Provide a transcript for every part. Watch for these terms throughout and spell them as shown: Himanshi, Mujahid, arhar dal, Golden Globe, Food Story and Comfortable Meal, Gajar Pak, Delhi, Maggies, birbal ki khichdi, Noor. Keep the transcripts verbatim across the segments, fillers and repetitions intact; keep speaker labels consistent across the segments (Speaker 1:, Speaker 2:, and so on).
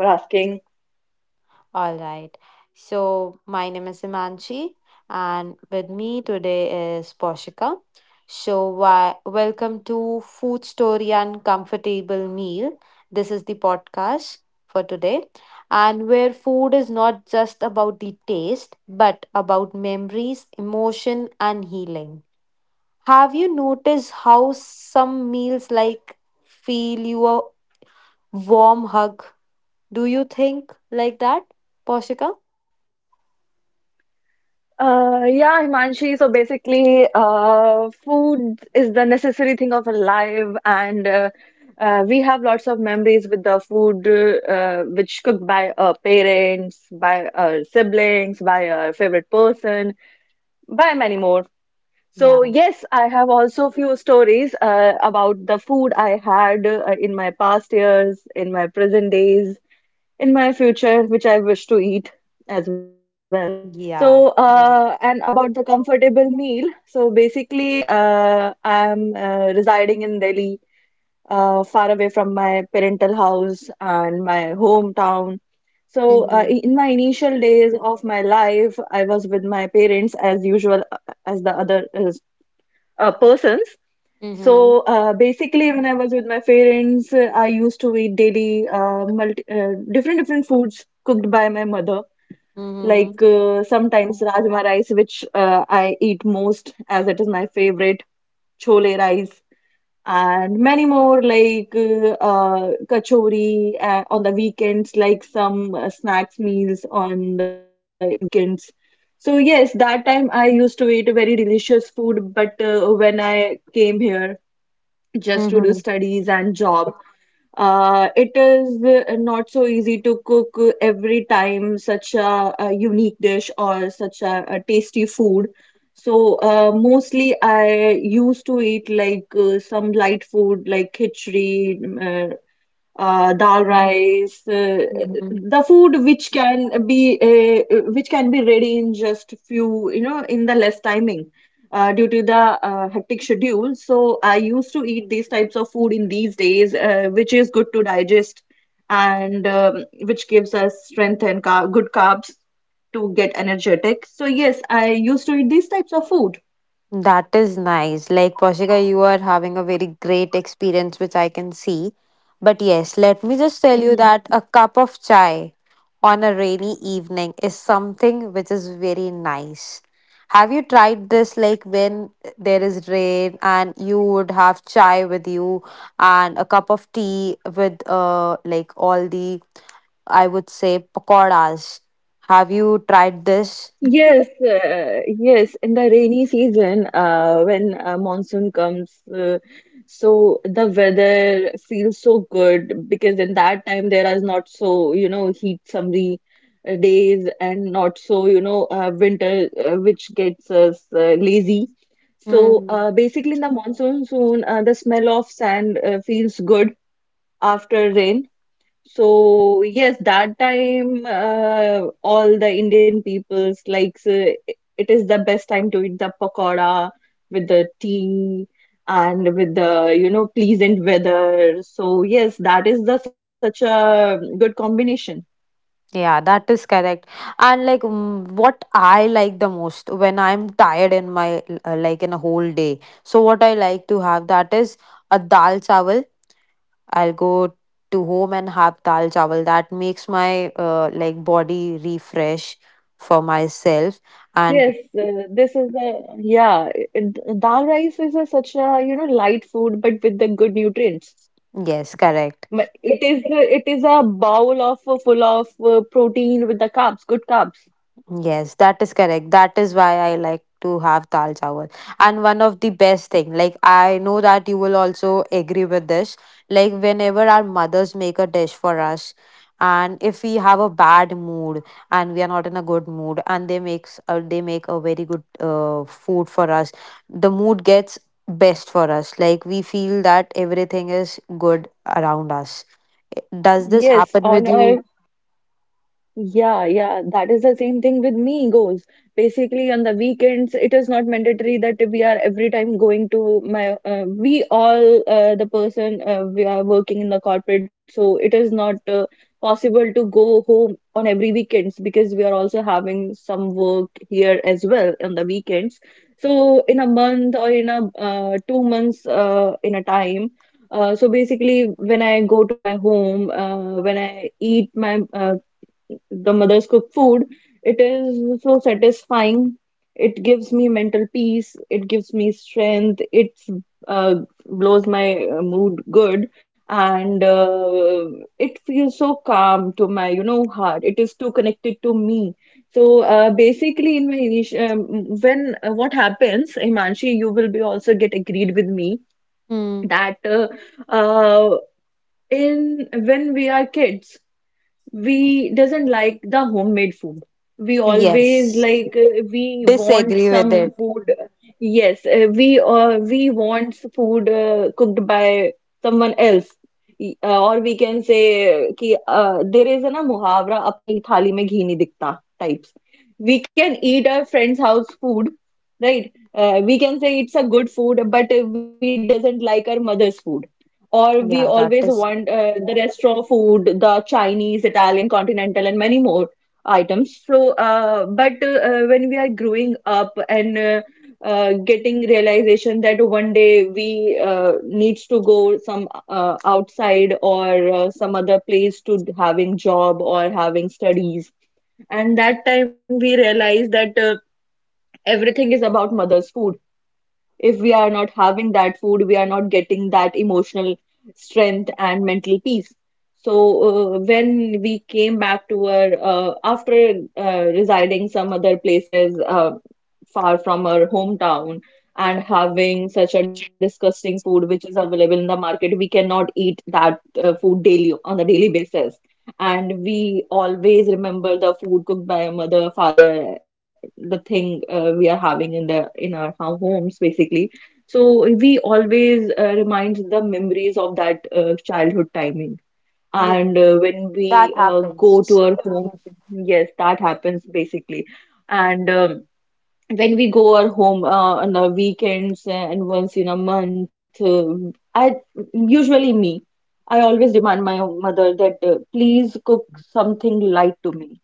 Speaker 1: I'm good. Thank you for asking.
Speaker 2: All right. So, my name is Imanchi, and with me today is Poshika. So, why, welcome to Food Story and Comfortable Meal. This is the podcast for today, and where food is not just about the taste, but about memories, emotion, and healing. Have you noticed how some meals like feel you a warm hug? Do you think like that, Poshika?
Speaker 1: Uh, yeah, Himanshi. So basically, uh, food is the necessary thing of a life, and uh, uh, we have lots of memories with the food uh, which cooked by our parents, by our siblings, by our favorite person, by many more. So
Speaker 2: Yeah.
Speaker 1: yes, I have also few stories uh, about the food I had uh, in my past years, in my present days, in my future, which I wish to eat as well. So,
Speaker 2: Yeah. Yeah.
Speaker 1: uh, and about the comfortable meal, so basically, uh, I'm uh, residing in Delhi, uh, far away from my parental house and my hometown. So, uh, i-
Speaker 2: Mhm.
Speaker 1: in my initial days of my life, I was with my parents as usual, uh, as the other is, uh, persons. So,
Speaker 2: Mhm.
Speaker 1: uh, basically, when I was with my parents, uh, I used to eat daily uh, multi uh, different different foods cooked by my mother.
Speaker 2: Mhm.
Speaker 1: Like uh, sometimes rajma rice, which uh, I eat most as it is my favorite, chole rice, and many more like uh, uh, kachori uh, on the weekends, like some uh, snacks meals on the weekends. So yes, that time I used to eat very delicious food, but uh, when I came here, just to
Speaker 2: Mm-hmm.
Speaker 1: do studies and job. Uh, it is uh, not so easy to cook uh, every time such a, a unique dish or such a, a tasty food. So uh, mostly I used to eat like uh, some light food like khichdi, uh, uh, dal rice, uh,
Speaker 2: Mhm.
Speaker 1: the food which can be uh, uh, which can be ready in just few, you know, in the less timing uh, due to the uh, hectic schedule. So I used to eat these types of food in these days, uh, which is good to digest and um, which gives us strength and car good carbs to get energetic. So yes, I used to eat these types of food.
Speaker 2: That is nice. Like, Poshika, you are having a very great experience, which I can see. But yes, let me just tell you that a cup of chai on a rainy evening is something which is very nice. Have you tried this like when there is rain and you would have chai with you and a cup of tea with uh like all the I would say pakoras. Have you tried this?
Speaker 1: Yes, uh, yes, in the rainy season, uh, when uh, monsoon comes, uh, so the weather feels so good because in that time there is not so, you know, heat summery uh, days and not so, you know, uh, winter uh, which gets us uh, lazy. So
Speaker 2: Hmm.
Speaker 1: uh, basically in the monsoon soon, uh, the smell of sand uh, feels good after rain. So yes, that time uh, all the Indian peoples likes uh, it is the best time to eat the pakoda with the tea and with the you know pleasant weather. So yes, that is the such a good combination.
Speaker 2: Yeah, that is correct. And like mm, what I like the most when I'm tired in my uh, like in a whole day. So what I like to have that is a dal chawal. I'll go to home and have dal chawal. That makes my uh, like body refresh for myself. And
Speaker 1: Yes, uh, this is the yeah. it- Dal rice is a such a you know light food, but with the good nutrients.
Speaker 2: yes, correct.
Speaker 1: But it is a- it is a bowl of uh, full of uh, protein with the carbs, good carbs.
Speaker 2: Yes, that is correct. That is why I like to have dal chawal. And one of the best thing, like I know that you will also agree with this. Like whenever our mothers make a dish for us, and if we have a bad mood and we are not in a good mood, and they makes uh, they make a very good uh, food for us, the mood gets best for us. Like we feel that everything is good around us. Does this
Speaker 1: Yes,
Speaker 2: happen with you?
Speaker 1: honor, yeah, yeah, that is the same thing with me goals. Basically, on the weekends, it is not mandatory that we are every time going to my. Uh, we all uh, the person uh, we are working in the corporate, so it is not uh, possible to go home on every weekends because we are also having some work here as well on the weekends. So in a month or in a uh, two months uh, in a time. Uh, so basically, when I go to my home, uh, when I eat my uh, the mother's cooked food, it is so satisfying. It gives me mental peace. It gives me strength. It uh, blows my uh, mood good, and uh, it feels so calm to my, you know, heart. It is too connected to me. So uh, basically, in my initial, um, when uh, what happens, Himanshi, you will be also get agreed with me
Speaker 2: Hmm.
Speaker 1: that uh, uh, in when we are kids we doesn't like the homemade food. We always
Speaker 2: Yes.
Speaker 1: like uh, we want
Speaker 2: Disagree with
Speaker 1: some
Speaker 2: it.
Speaker 1: food. Yes, uh, we uh, we want food uh, cooked by someone else. Y- Uh, or we can say कि uh, there is a na muhavra. Apni thali में ghee nahi दिखता types. We can eat our friend's house food, right? Uh, we can say it's a good food, but uh, we doesn't like our mother's food. Or we
Speaker 2: Yeah,
Speaker 1: always
Speaker 2: that
Speaker 1: want
Speaker 2: is.
Speaker 1: uh, the restaurant food, the Chinese, Italian, continental, and many more items. So, uh, but uh, uh, when we are growing up and uh, uh, getting realization that one day we uh, needs to go some uh, outside or uh, some other place to having job or having studies, and that time we realize that uh, everything is about mother's food if we are not having that food, we are not getting that emotional strength and mental peace. So, uh, when we came back to our, uh, after uh, residing some other places uh, far from our hometown and having such a disgusting food which is available in the market, we cannot eat that uh, food daily on a daily basis. And we always remember the food cooked by our mother, father, the thing uh, we are having in the in our ho- homes basically, so we always uh, remind the memories of that uh, childhood timing.
Speaker 2: Yeah,
Speaker 1: And uh, when
Speaker 2: that
Speaker 1: we uh, go
Speaker 2: happens.
Speaker 1: to our home, yes, that happens basically. And um, when we go our home uh, on the weekends and once in a month, uh, I usually, me, I always remind my mother that uh, please cook something light to me,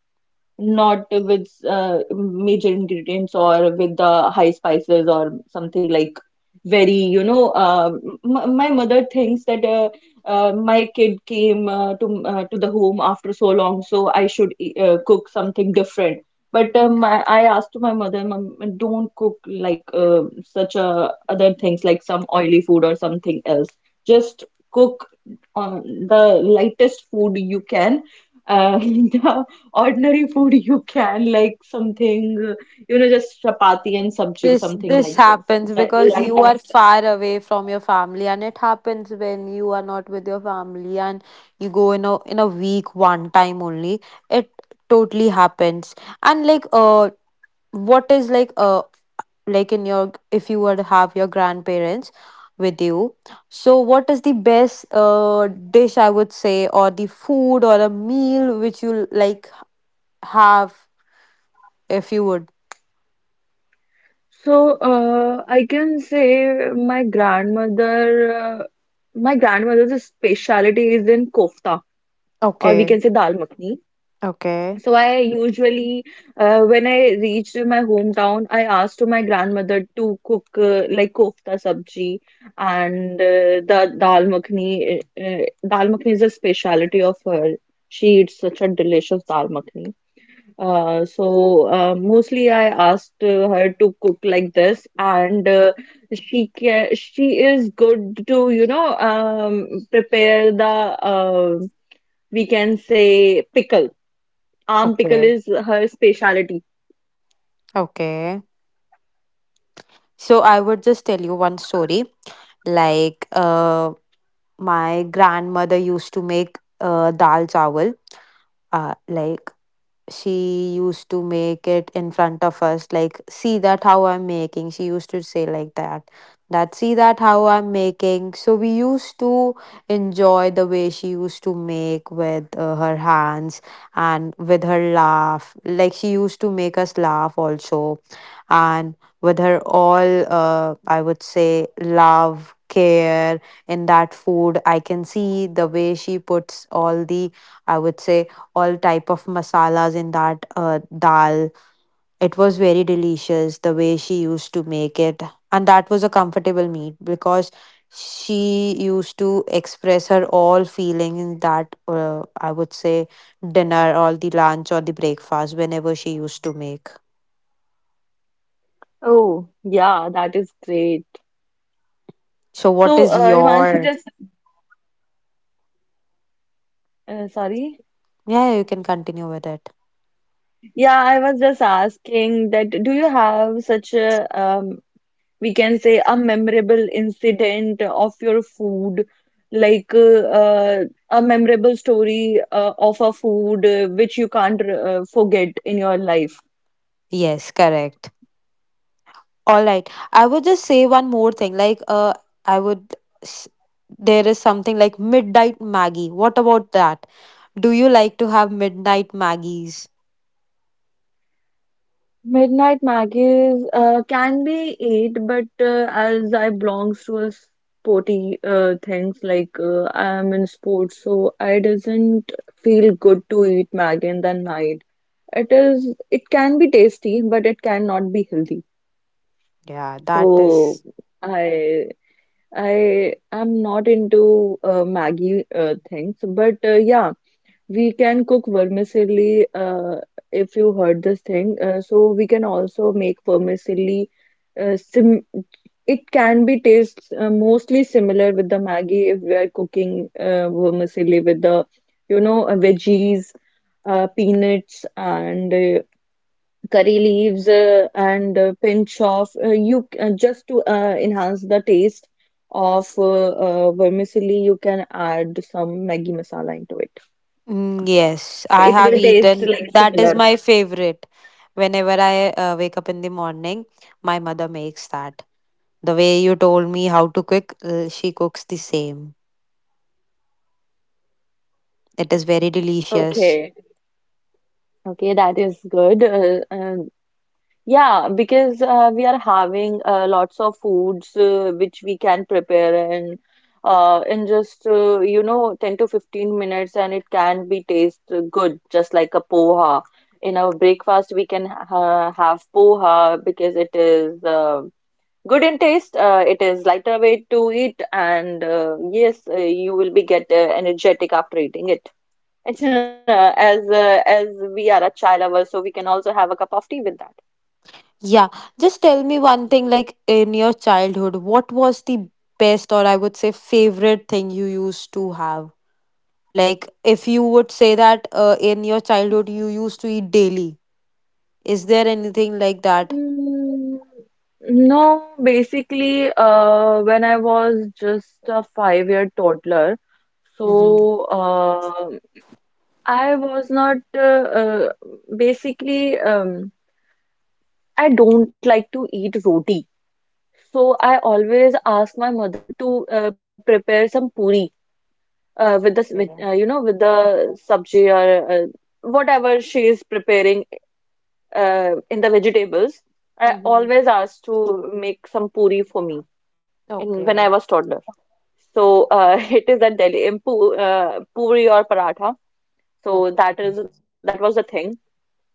Speaker 1: not with uh, major ingredients or with the high spices or something like very, you know, uh, m My mother thinks that uh, uh, my kid came uh, to uh, to the home after so long, so I should uh, cook something different. But uh, my, I asked to my mother, "Mom, don't cook like uh, such uh, other things like some oily food or something else. Just cook on the lightest food you can. Uh, ordinary food you can, like something uh, you know just chapati and sabji,
Speaker 2: this
Speaker 1: something
Speaker 2: this
Speaker 1: like this."
Speaker 2: happens
Speaker 1: li-
Speaker 2: because you are
Speaker 1: lightest
Speaker 2: far away from your family, and it happens when you are not with your family and you go in a in a week one time only. It totally happens. And like uh what is like uh like in your, if you were to have your grandparents with you. So what is the best uh dish, I would say, or the food or a meal which you like have, if you would?
Speaker 1: So, uh, I can say my grandmother, uh, my grandmother's specialty is in kofta, or we
Speaker 2: Okay.
Speaker 1: can say dal makhni.
Speaker 2: Okay.
Speaker 1: So I usually, uh, when I reached my hometown, I asked to my grandmother to cook uh, like kofta sabji and uh, the dal makhni. Uh, uh, dal makhni is a specialty of her. She eats such a delicious dal makhni. Uh, so uh, mostly I asked uh, her to cook like this, and uh, she ca she is good to, you know um, prepare the, uh, we can say, pickles. Arm pickle
Speaker 2: Okay.
Speaker 1: is her specialty.
Speaker 2: Okay. So I would just tell you one story. Like, uh, my grandmother used to make uh, dal chawal. Uh, like, she used to make it in front of us. Like, see that how I'm making. She used to say like that. That see that how I'm making. So we used to enjoy the way she used to make with uh, her hands and with her laugh. Like she used to make us laugh also, and with her all uh, I would say love, care. In that food I can see the way she puts all the, I would say, all type of masalas in that uh, dal. It was very delicious the way she used to make it, and that was a comfortable meal because she used to express her all feeling in that, uh, I would say, dinner or the lunch or the breakfast whenever she used to make.
Speaker 1: Oh, yeah, that is great.
Speaker 2: So what
Speaker 1: So,
Speaker 2: is
Speaker 1: uh, Himanshu,
Speaker 2: your...
Speaker 1: just uh, sorry.
Speaker 2: Yeah, you can continue with it.
Speaker 1: Yeah, I was just asking that do you have such a, um, we can say, a memorable incident of your food, like uh, uh, a memorable story uh, of a food uh, which you can't uh, forget in your life?
Speaker 2: Yes, correct. All right. I would just say one more thing. Like, uh, I would. s- There is something like midnight Maggie. What about that? Do you like to have midnight Maggies?
Speaker 1: Midnight Maggies uh, can be eight, but uh, as I belongs to a sporty uh, things, like uh, I'm in sports, so I doesn't feel good to eat Maggie in the night. It is, it can be tasty, but it cannot be healthy.
Speaker 2: Yeah, that
Speaker 1: So
Speaker 2: is.
Speaker 1: I I am not into uh, Maggie uh, things, but uh, yeah. We can cook vermicelli uh, if you heard this thing. Uh, so we can also make vermicelli. Uh, sim It can be tastes uh, mostly similar with the Maggie if we are cooking uh, vermicelli with the, you know uh, veggies, uh, peanuts, and uh, curry leaves, uh, and a pinch of, uh, you c- uh, just to uh, enhance the taste of uh, uh, vermicelli. You can add some Maggi masala into it.
Speaker 2: Mm, yes, I
Speaker 1: It
Speaker 2: have
Speaker 1: will taste
Speaker 2: eaten.
Speaker 1: like
Speaker 2: That is
Speaker 1: similar.
Speaker 2: my favorite. Whenever I uh, wake up in the morning, my mother makes that. The way you told me how to cook, uh, she cooks the same. It is very delicious.
Speaker 1: Okay, okay, that is good. Uh, um, yeah, because uh, we are having uh, lots of foods uh, which we can prepare and uh, in just, uh, you know ten to fifteen minutes, and it can be taste uh, good, just like a poha. In our breakfast, we can ha have poha because it is uh, good in taste. Uh, it is lighter weight to eat, and uh, yes, uh, you will be get uh, energetic after eating it. It's, uh, as uh, as we are a chai lover, so we can also have a cup of tea with that.
Speaker 2: Yeah, just tell me one thing, like in your childhood, what was the best, or I would say favorite thing you used to have? Like if you would say that uh, in your childhood you used to eat daily, is there anything like that?
Speaker 1: Mm, No, basically, uh, when I was just a five-year toddler,
Speaker 2: Mm-hmm.
Speaker 1: so uh, I was not, uh, uh, basically, um, I don't like to eat roti, so I always ask my mother to uh, prepare some puri uh, with the s- with, uh, you know with the sabji, or uh, whatever she is preparing uh, in the vegetables. I
Speaker 2: Mm-hmm.
Speaker 1: always asked to make some puri for me, in, when I
Speaker 2: Okay.
Speaker 1: was toddler. So uh, it is at Delhi, in pu uh, puri or paratha. So
Speaker 2: Okay.
Speaker 1: that is that was the thing.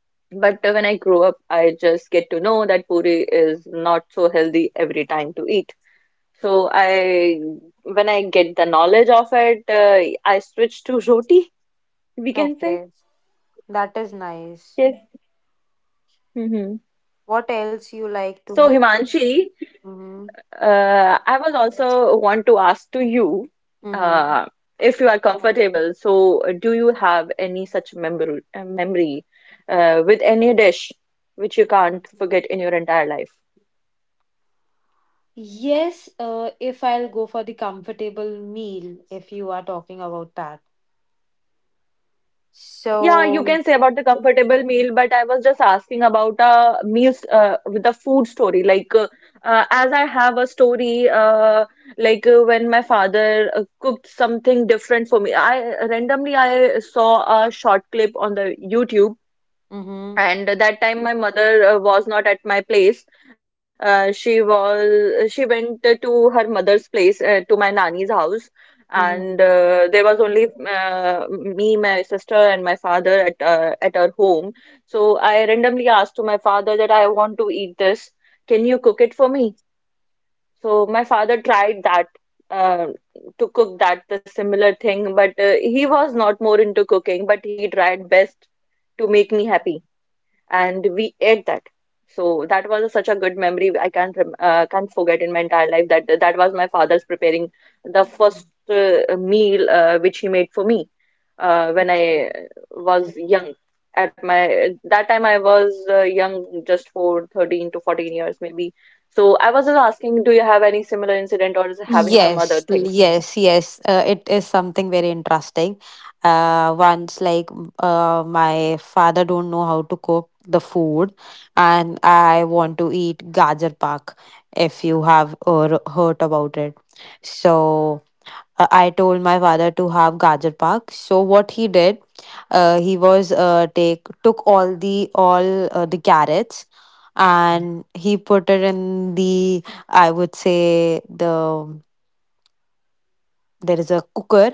Speaker 1: But uh, when I grew up, I just get to know that puri is not so healthy every time to eat. So I, when I get the knowledge of it, uh, I switch to roti, we can
Speaker 2: Okay.
Speaker 1: say.
Speaker 2: That is nice.
Speaker 1: Yes. Hmm.
Speaker 2: What else you like
Speaker 1: So
Speaker 2: to have?
Speaker 1: Himanshi,
Speaker 2: Mm-hmm.
Speaker 1: Uh, I was also want to ask to you,
Speaker 2: Mm-hmm.
Speaker 1: uh, if you are comfortable. So, uh, do you have any such memory uh, memory uh, with any dish which you can't forget in your entire life?
Speaker 2: Yes, uh, if I'll go for the comfortable meal, if you are talking about that.
Speaker 1: Yeah, you
Speaker 2: So,
Speaker 1: can say about the comfortable meal, but I was just asking about uh, meals uh, with the food story. Like, uh, uh, as I have a story, uh, like uh, when my father uh, cooked something different for me. I randomly I saw a short clip on the YouTube.
Speaker 2: Mm-hmm.
Speaker 1: And that time my mother uh, was not at my place. Uh, she was she went to her mother's place uh, to my nanny's house, and
Speaker 2: Mm-hmm.
Speaker 1: uh, there was only uh, me, my sister, and my father at uh, at her home. So I randomly asked to my father that I want to eat this. Can you cook it for me? So my father tried that uh, to cook that the similar thing, but uh, he was not more into cooking, but he tried best to make me happy and we ate that. So that was such a good memory. I can't rem- uh, can't forget in my entire life that that was my father's preparing the first uh, meal uh, which he made for me uh, when I was young. At my that time I was uh, young, just for thirteen to fourteen years maybe. So I was just asking, do you have any similar incident or is it having some other
Speaker 2: Yes,
Speaker 1: things?
Speaker 2: yes, yes. Uh, it is something very interesting. Uh, once like m- uh, my father don't know how to cook the food, and I want to eat Gajar Pak. If you have uh, heard about it, so uh, I told my father to have Gajar Pak. So what he did, uh, he was uh, take took all the all uh, the carrots, and he put it in the, I would say the, there is a cooker.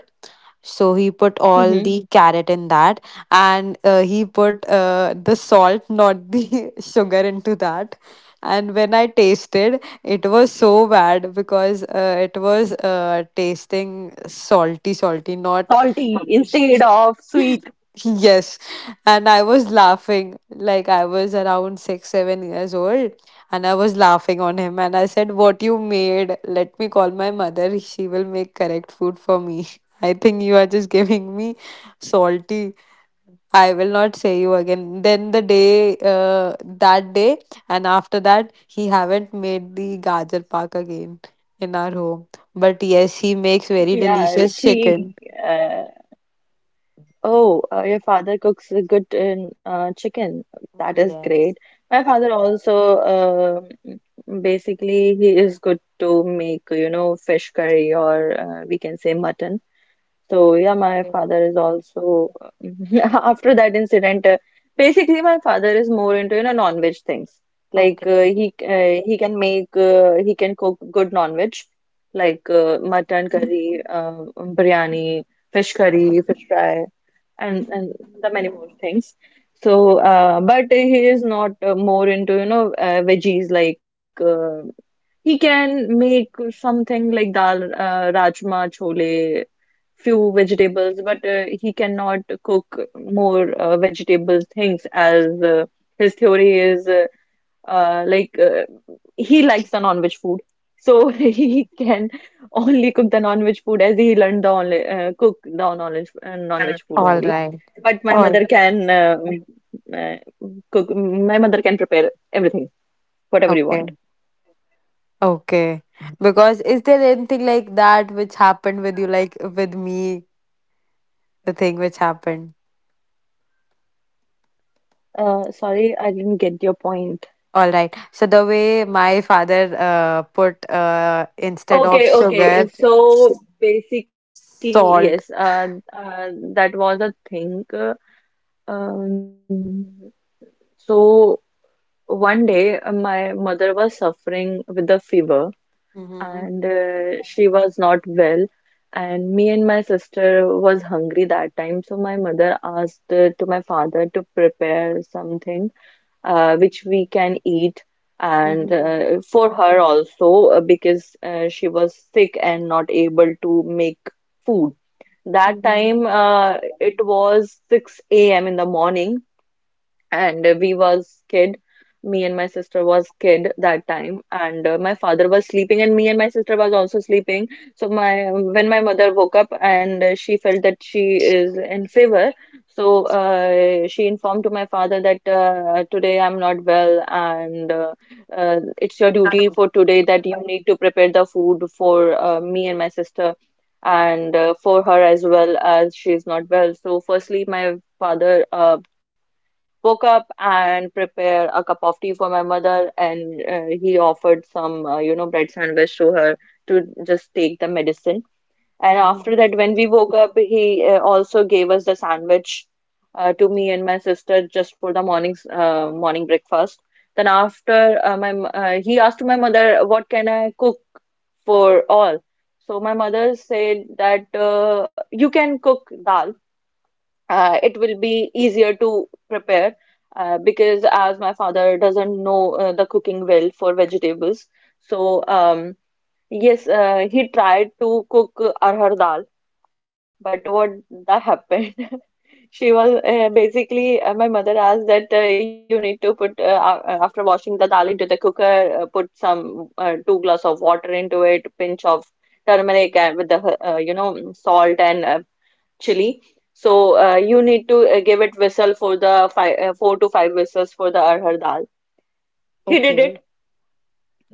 Speaker 2: So he put all
Speaker 1: Hmm.
Speaker 2: the carrot in that, and uh, he put uh, the salt, not the sugar, into that. And when I tasted, it was so bad because uh, it was uh, tasting salty, salty, not.
Speaker 1: Salty instead of sweet.
Speaker 2: Yes, and I was laughing. Like I was around six, seven years old, and I was laughing on him. And I said, "What you made? Let me call my mother, she will make correct food for me." I think you are just giving me salty. I will not say you again. Then the day, uh, that day, and after that, he haven't made the gajar pak again in our home. But yes, he makes very
Speaker 1: Yeah,
Speaker 2: delicious
Speaker 1: she.
Speaker 2: chicken.
Speaker 1: uh, Oh, uh, your father cooks a good in uh, chicken. That is
Speaker 2: Yes.
Speaker 1: great. My father also, uh, basically he is good to make, you know, fish curry or uh, we can say mutton. So yeah, my father is also after that incident. Uh, basically, my father is more into, you know, non-veg things. Like
Speaker 2: Okay.
Speaker 1: uh, he uh, he can make uh, he can cook good non-veg, like uh, mutton curry, uh, biryani, fish curry, fish fry and and the many more things. So, uh, but he is not uh, more into, you know, uh, veggies, like uh, he can make something like dal, uh, rajma, chole, few vegetables, but uh, he cannot cook more uh, vegetables things as uh, his theory is. Uh, uh, like uh, he likes the non-veg food, so he can only cook the non-veg food as he learned the only uh, cook the non-veg uh, non-veg food
Speaker 2: All
Speaker 1: only.
Speaker 2: right.
Speaker 1: But my
Speaker 2: All
Speaker 1: mother can uh, mm, uh, cook. My mother can prepare everything whatever you want.
Speaker 2: okay. Okay. Because is there anything like that which happened with you, like with me, the thing which happened?
Speaker 1: Uh, sorry, I didn't get your point.
Speaker 2: All right. So the way my father uh, put, uh, instead of
Speaker 1: Okay, okay.
Speaker 2: sugar,
Speaker 1: So
Speaker 2: salt.
Speaker 1: basically, yes, uh, uh, that was a thing. Uh, um, so one day, uh, my mother was suffering with a fever,
Speaker 2: Mm-hmm.
Speaker 1: and uh, she was not well. And me and my sister was hungry that time. So my mother asked uh, to my father to prepare something uh, which we can eat, and
Speaker 2: Mm-hmm.
Speaker 1: uh, for her also, uh, because uh, she was sick and not able to make food. That time uh, it was six a m in the morning, and uh, we was kid. Me and my sister was kid that time, and uh, my father was sleeping, and me and my sister was also sleeping. So my when my mother woke up and uh, she felt that she is in fever, so uh, she informed to my father that, uh, "Today I'm not well, and uh, uh, it's your duty
Speaker 2: Mm-hmm.
Speaker 1: for today that you need to prepare the food for uh, me and my sister and uh, for her as well, as she is not well." So firstly my father uh, woke up and prepare a cup of tea for my mother, and uh, he offered some, uh, you know, bread sandwich to her to just take the medicine. And
Speaker 2: Mm-hmm.
Speaker 1: after that, when we woke up, he uh, also gave us the sandwich uh, to me and my sister just for the morning's uh, morning breakfast. Then after, uh, my m- uh, he asked my mother, "What can I cook for all?" So my mother said that, uh, you can cook dal, uh, it will be easier to prepare, uh, because as my father doesn't know uh, the cooking well for vegetables. So um, yes, uh, he tried to cook arhar dal, but what that happened, she was, uh, basically, uh, my mother asked that, uh, you need to put uh, a- after washing the dal into the cooker, uh, put some uh, two glass of water into it, pinch of turmeric, and with the, uh, you know, salt and uh, chili. So uh, you need to uh, give it whistle for the five, uh, four to five whistles for the arhar dal. He did
Speaker 2: Okay.
Speaker 1: it,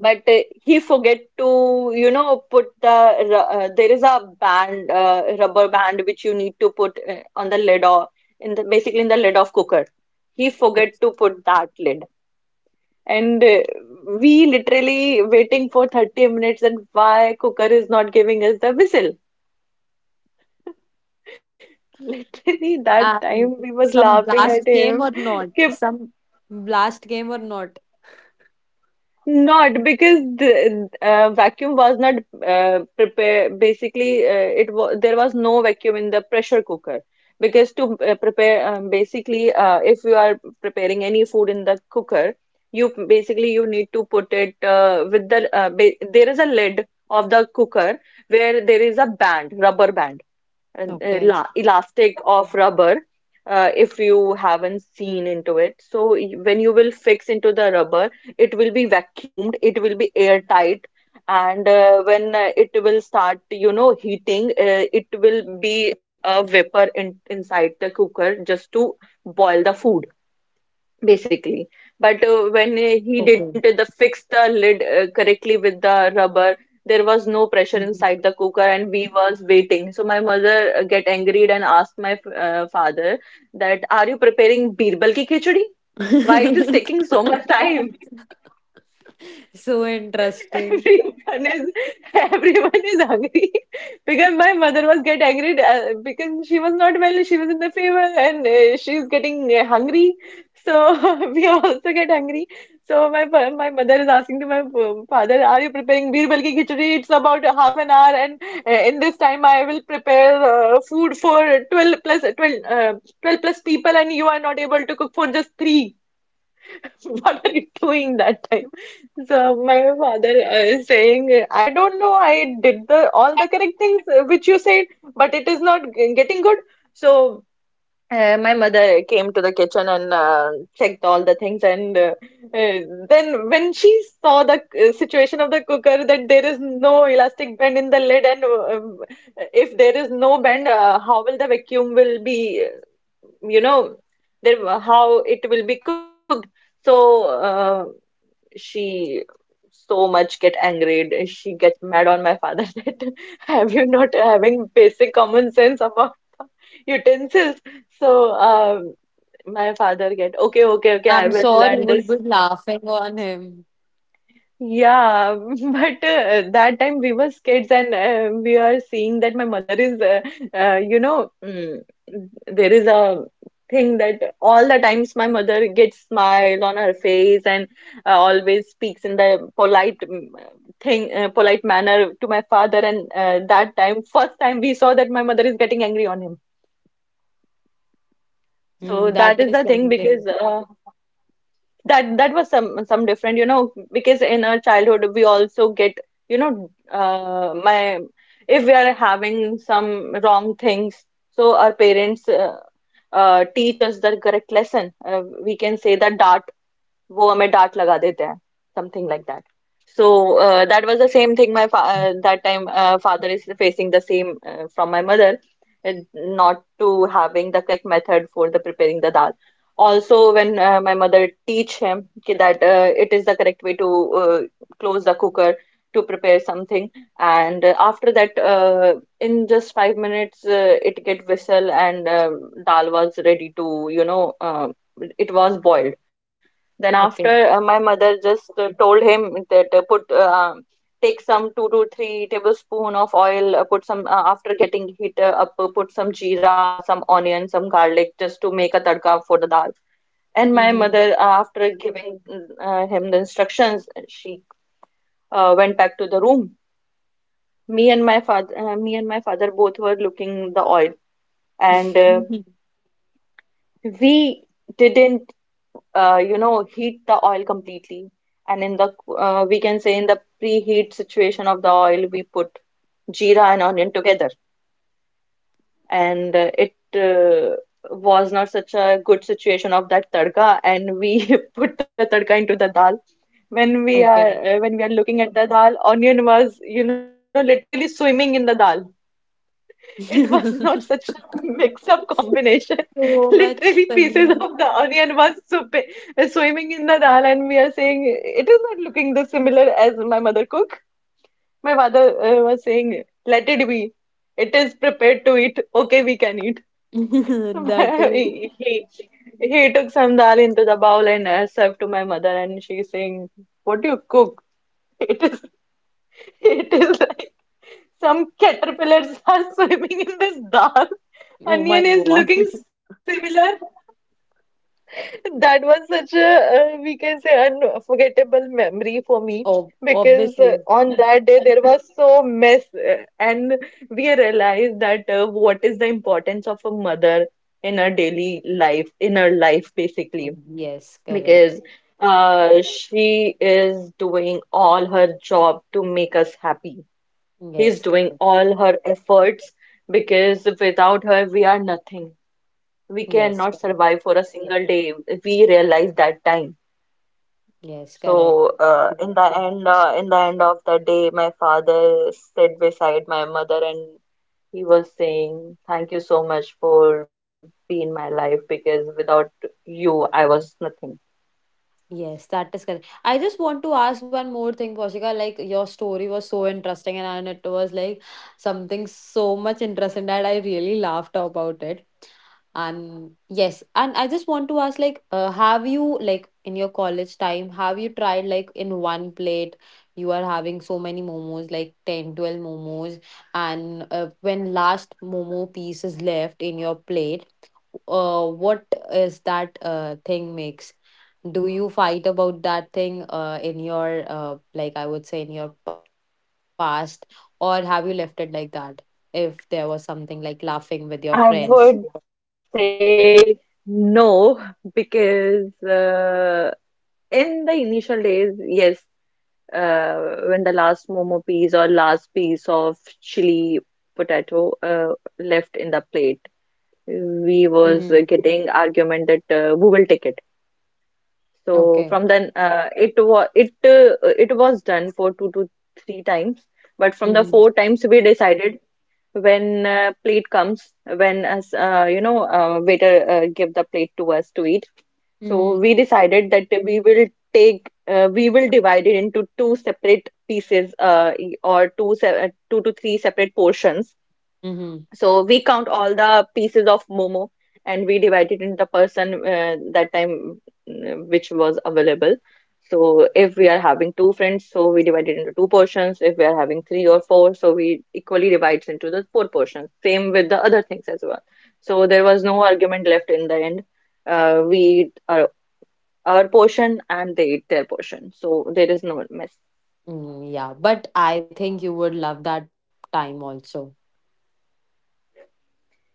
Speaker 1: but uh, he forget to, you know, put the ru- uh, there is a band, uh, rubber band, which you need to put uh, on the lid or in the, basically, in the lid of cooker. He forget to put that lid, and uh, we literally waiting for thirty minutes and why cooker is not giving us the whistle. Literally that time
Speaker 2: And
Speaker 1: we was
Speaker 2: some
Speaker 1: laughing at
Speaker 2: blast
Speaker 1: him.
Speaker 2: game or not?
Speaker 1: कि
Speaker 2: Some blast game or not?
Speaker 1: Not because the uh, vacuum was not uh, prepared. Basically, uh, it was there was no vacuum in the pressure cooker because to uh, prepare, um, basically, uh, if you are preparing any food in the cooker, you basically you need to put it uh, with the, uh, ba there is a lid of the cooker where there is a band, rubber band, and
Speaker 2: Okay.
Speaker 1: ela- elastic of rubber, uh, if you haven't seen into it. So y- when you will fix into the rubber, it will be vacuumed, it will be airtight, and uh, when uh, it will start, you know, heating, uh, it will be a vapor in inside the cooker just to boil the food, basically. But uh,
Speaker 2: Okay.
Speaker 1: when uh, he didn't uh, the fix the lid uh, correctly with the rubber, there was no
Speaker 2: Mhm.
Speaker 1: pressure inside the cooker, and we was waiting. So my mother uh, get angry and asked my uh, father that, "Are you preparing birbal ki khichdi? Why it is taking so much time?"
Speaker 2: So interesting.
Speaker 1: Everyone is everyone is hungry, because my mother was get angry uh, because she was not well. She was in the fever, and uh, she's getting uh, hungry. So we also get hungry. So my fa- my mother is asking to my f- father, "Are you preparing birbal ki khichdi? It's about a half an hour, and uh, in this time I will prepare uh, food for 12 plus 12, uh, 12 plus people, and you are not able to cook for just three. What are you doing that time?" So my father uh, saying, I don't know, I did the all the correct things uh, which you said, but it is not g- getting good. So uh, my mother came to the kitchen and uh, checked all the things, and uh, uh, then when she saw the uh, situation of the cooker that there is no elastic band in the lid, and uh, um, if there is no band, uh, how will the vacuum will be, uh, you know, there how it will be cooked. So uh, she so much get angered. She get mad on my father that have you not having basic common sense about utensils? So um, my father get
Speaker 2: I'm
Speaker 1: okay,
Speaker 2: sure
Speaker 1: okay,
Speaker 2: you
Speaker 1: okay.
Speaker 2: will
Speaker 1: I
Speaker 2: be
Speaker 1: will learn
Speaker 2: laughing
Speaker 1: this.
Speaker 2: on him.
Speaker 1: Yeah, but uh, that time we were kids, and uh, we are seeing that my mother is, uh, uh, you know, mm, there is a thing that all the times my mother gets smile on her face, and uh, always speaks in the polite, mm, thing, uh, polite manner to my father. And uh, that time, first time we saw that my mother is getting angry on him.
Speaker 2: Mm,
Speaker 1: So
Speaker 2: that
Speaker 1: that is
Speaker 2: is
Speaker 1: the thing
Speaker 2: something.
Speaker 1: because uh, that that was some some different, you know, because in our childhood we also get, you know, uh, my if we are having some wrong things, so our parents uh, uh, teach us the correct lesson. Uh, we can say that that वो हमें डांट लगा देते हैं something like that so that was the same thing my that time father is facing the same from my mother. Not to having the correct method for the preparing the dal, also when uh, my mother teach him ki that uh, it is the correct way to uh, close the cooker to prepare something. And uh, after that, uh, in just five minutes uh, it get whistle, and um dal was ready to you know uh, it was boiled. Then after
Speaker 2: Okay.
Speaker 1: uh, my mother just uh, told him that uh, put uh, take some two to three tablespoon of oil, uh, put some uh, after getting heat uh, up, uh, put some jeera, some onion, some garlic just to make a tadka for the dal. And my
Speaker 2: Mm-hmm.
Speaker 1: mother, uh, after giving mm, uh, him the instructions, she uh, went back to the room. Me and my father, uh, me and my father both were looking the oil, and uh, we didn't. uh, you know, heat the oil completely. And in the, uh, we can say, in the preheat situation of the oil, we put jeera and onion together. And uh, it uh, was not such a good situation of that tadka. And we put the tadka into the dal. When we are
Speaker 2: Okay.
Speaker 1: uh, when we are looking at the dal, onion was, you know, literally swimming in the dal. It was not such a mix-up combination.
Speaker 2: So much
Speaker 1: Literally, pieces of
Speaker 2: funny.
Speaker 1: the onion was supe- swimming in the dal, and we are saying it is not looking this similar as my mother cook. My father uh, was saying, "Let it be. It is prepared to eat. Okay, we can eat." So
Speaker 2: That
Speaker 1: my-
Speaker 2: is.
Speaker 1: he he he took some dal into the bowl and uh, served to my mother, and she's saying, "What do you cook? It is it is." Like some caterpillars are swimming in this dal.
Speaker 2: Oh my
Speaker 1: Onion is
Speaker 2: God.
Speaker 1: looking similar. That was such a, uh, we can say, unforgettable memory for me
Speaker 2: Oh,
Speaker 1: because uh,
Speaker 2: obviously.
Speaker 1: on that day there was so mess, uh, and we realized that uh, what is the importance of a mother in her daily life, in her life
Speaker 2: Um,
Speaker 1: basically,
Speaker 2: Yes, correct.
Speaker 1: because uh, she is doing all her job to make us happy. He's
Speaker 2: Yes,
Speaker 1: doing
Speaker 2: correct.
Speaker 1: all her efforts because without her, we are nothing. We
Speaker 2: Yes,
Speaker 1: cannot
Speaker 2: correct.
Speaker 1: survive for a single day. We realized that time.
Speaker 2: Yes, correct.
Speaker 1: So, uh, in the end, uh, in the end of the day, my father stood beside my mother and he was saying, "Thank you so much for being my life because without you, I was nothing."
Speaker 2: Yes, that is correct. I just want to ask one more thing, Poshika. Like your story was so interesting, and, and it was like something so much interesting that I really laughed about it. And yes, and I just want to ask, like uh, have you, like in your college time, have you tried like in one plate you are having so many momos, like ten, twelve momos, and uh, when last momo piece is left in your plate, uh, what is that uh, thing makes? Do you fight about that thing uh, in your, uh, like I would say, in your past, or have you left it like that, if there was something like laughing with your friends?
Speaker 1: I would say no because uh, in the initial days, yes, uh, when the last momo piece or last piece of chili potato uh, left in the plate,
Speaker 2: Mm-hmm.
Speaker 1: we was uh, getting argument that uh, who will take it.
Speaker 2: Okay.
Speaker 1: So from then, uh, it was it uh, it was done for two to three times, but from the
Speaker 2: Mm-hmm.
Speaker 1: four times we decided when uh, plate comes, when as uh, you know uh, waiter uh, give the plate to us to eat. So
Speaker 2: Mm-hmm.
Speaker 1: we decided that we will take, uh, we will divide it into two separate pieces, uh, e- or two, se uh, two to three separate portions.
Speaker 2: Mm-hmm.
Speaker 1: So we count all the pieces of momo and we divide it into the person uh, that time uh, which was available. So if we are having two friends, so we divide it into two portions. If we are having three or four, so we equally divide into the four portions. Same with the other things as well. So there was no argument left in the end. Uh, we uh, our portion and they eat their portion. So there is no mess.
Speaker 2: Mm, yeah, but I think you would love that time also.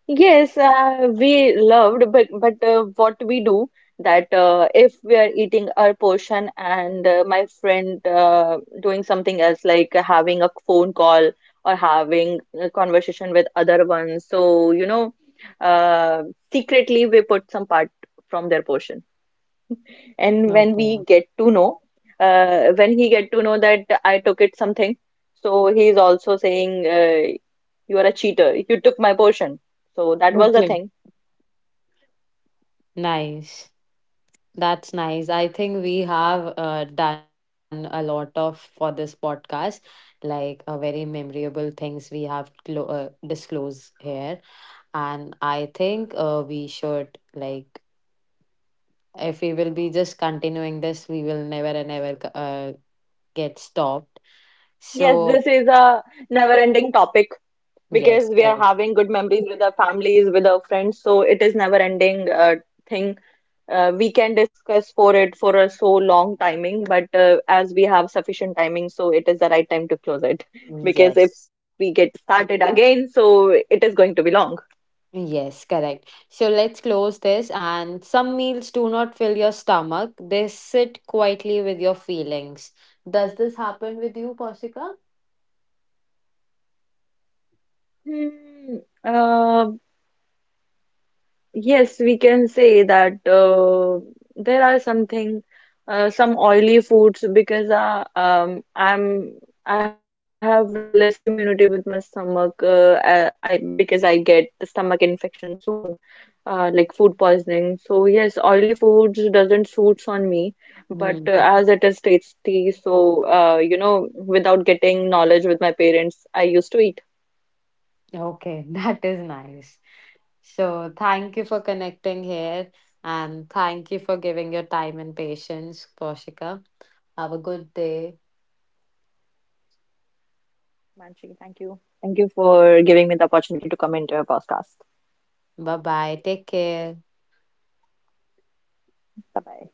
Speaker 1: Yes, uh, we loved, but but uh, what we do that uh, if we are eating our portion and uh, my friend uh, doing something else like having a phone call or having a conversation with other ones, so you know, uh, secretly we put some part from their portion.
Speaker 2: Okay.
Speaker 1: And when we get to know, uh, when he get to know that I took it something, so he is also saying, uh, "You are a cheater. You took my portion." So that was the
Speaker 2: Okay.
Speaker 1: thing.
Speaker 2: Nice. That's nice. I think we have uh, done a lot of for this podcast, like uh, very memorable things we have clo- uh, disclosed here. And I think uh, we should, like, if we will be just continuing this, we will never and ever uh, get stopped.
Speaker 1: Yes,
Speaker 2: So,
Speaker 1: this is a never-ending topic because
Speaker 2: yes,
Speaker 1: we are
Speaker 2: correct.
Speaker 1: having good memories with our families, with our friends. So it is never-ending uh, thing. Uh, we can discuss for it for a so long timing, but uh, as we have sufficient timing, so it is the right time to close it because if
Speaker 2: Yes.
Speaker 1: we get started again, so it is going to be long.
Speaker 2: Yes, correct. So let's close this. And some meals do not fill your stomach, they sit quietly with your feelings. Does this happen with you, Poshika?
Speaker 1: Hmm, uh, yes, we can say that uh, there are something, uh, some oily foods because uh, um, I'm I have less immunity with my stomach. Uh, I, I because I get stomach infection soon, uh, like food poisoning. So yes, oily foods doesn't suits on me, but uh,
Speaker 2: Hmm.
Speaker 1: as it is tasty, so uh, you know, without getting knowledge with my parents, I used to eat.
Speaker 2: Okay, that is nice. So thank you for connecting here, and thank you for giving your time and patience, Poshika. Have a good day.
Speaker 1: Manchi, thank you. Thank you for giving me the opportunity to come into your podcast.
Speaker 2: Bye bye. Take care.
Speaker 1: Bye bye.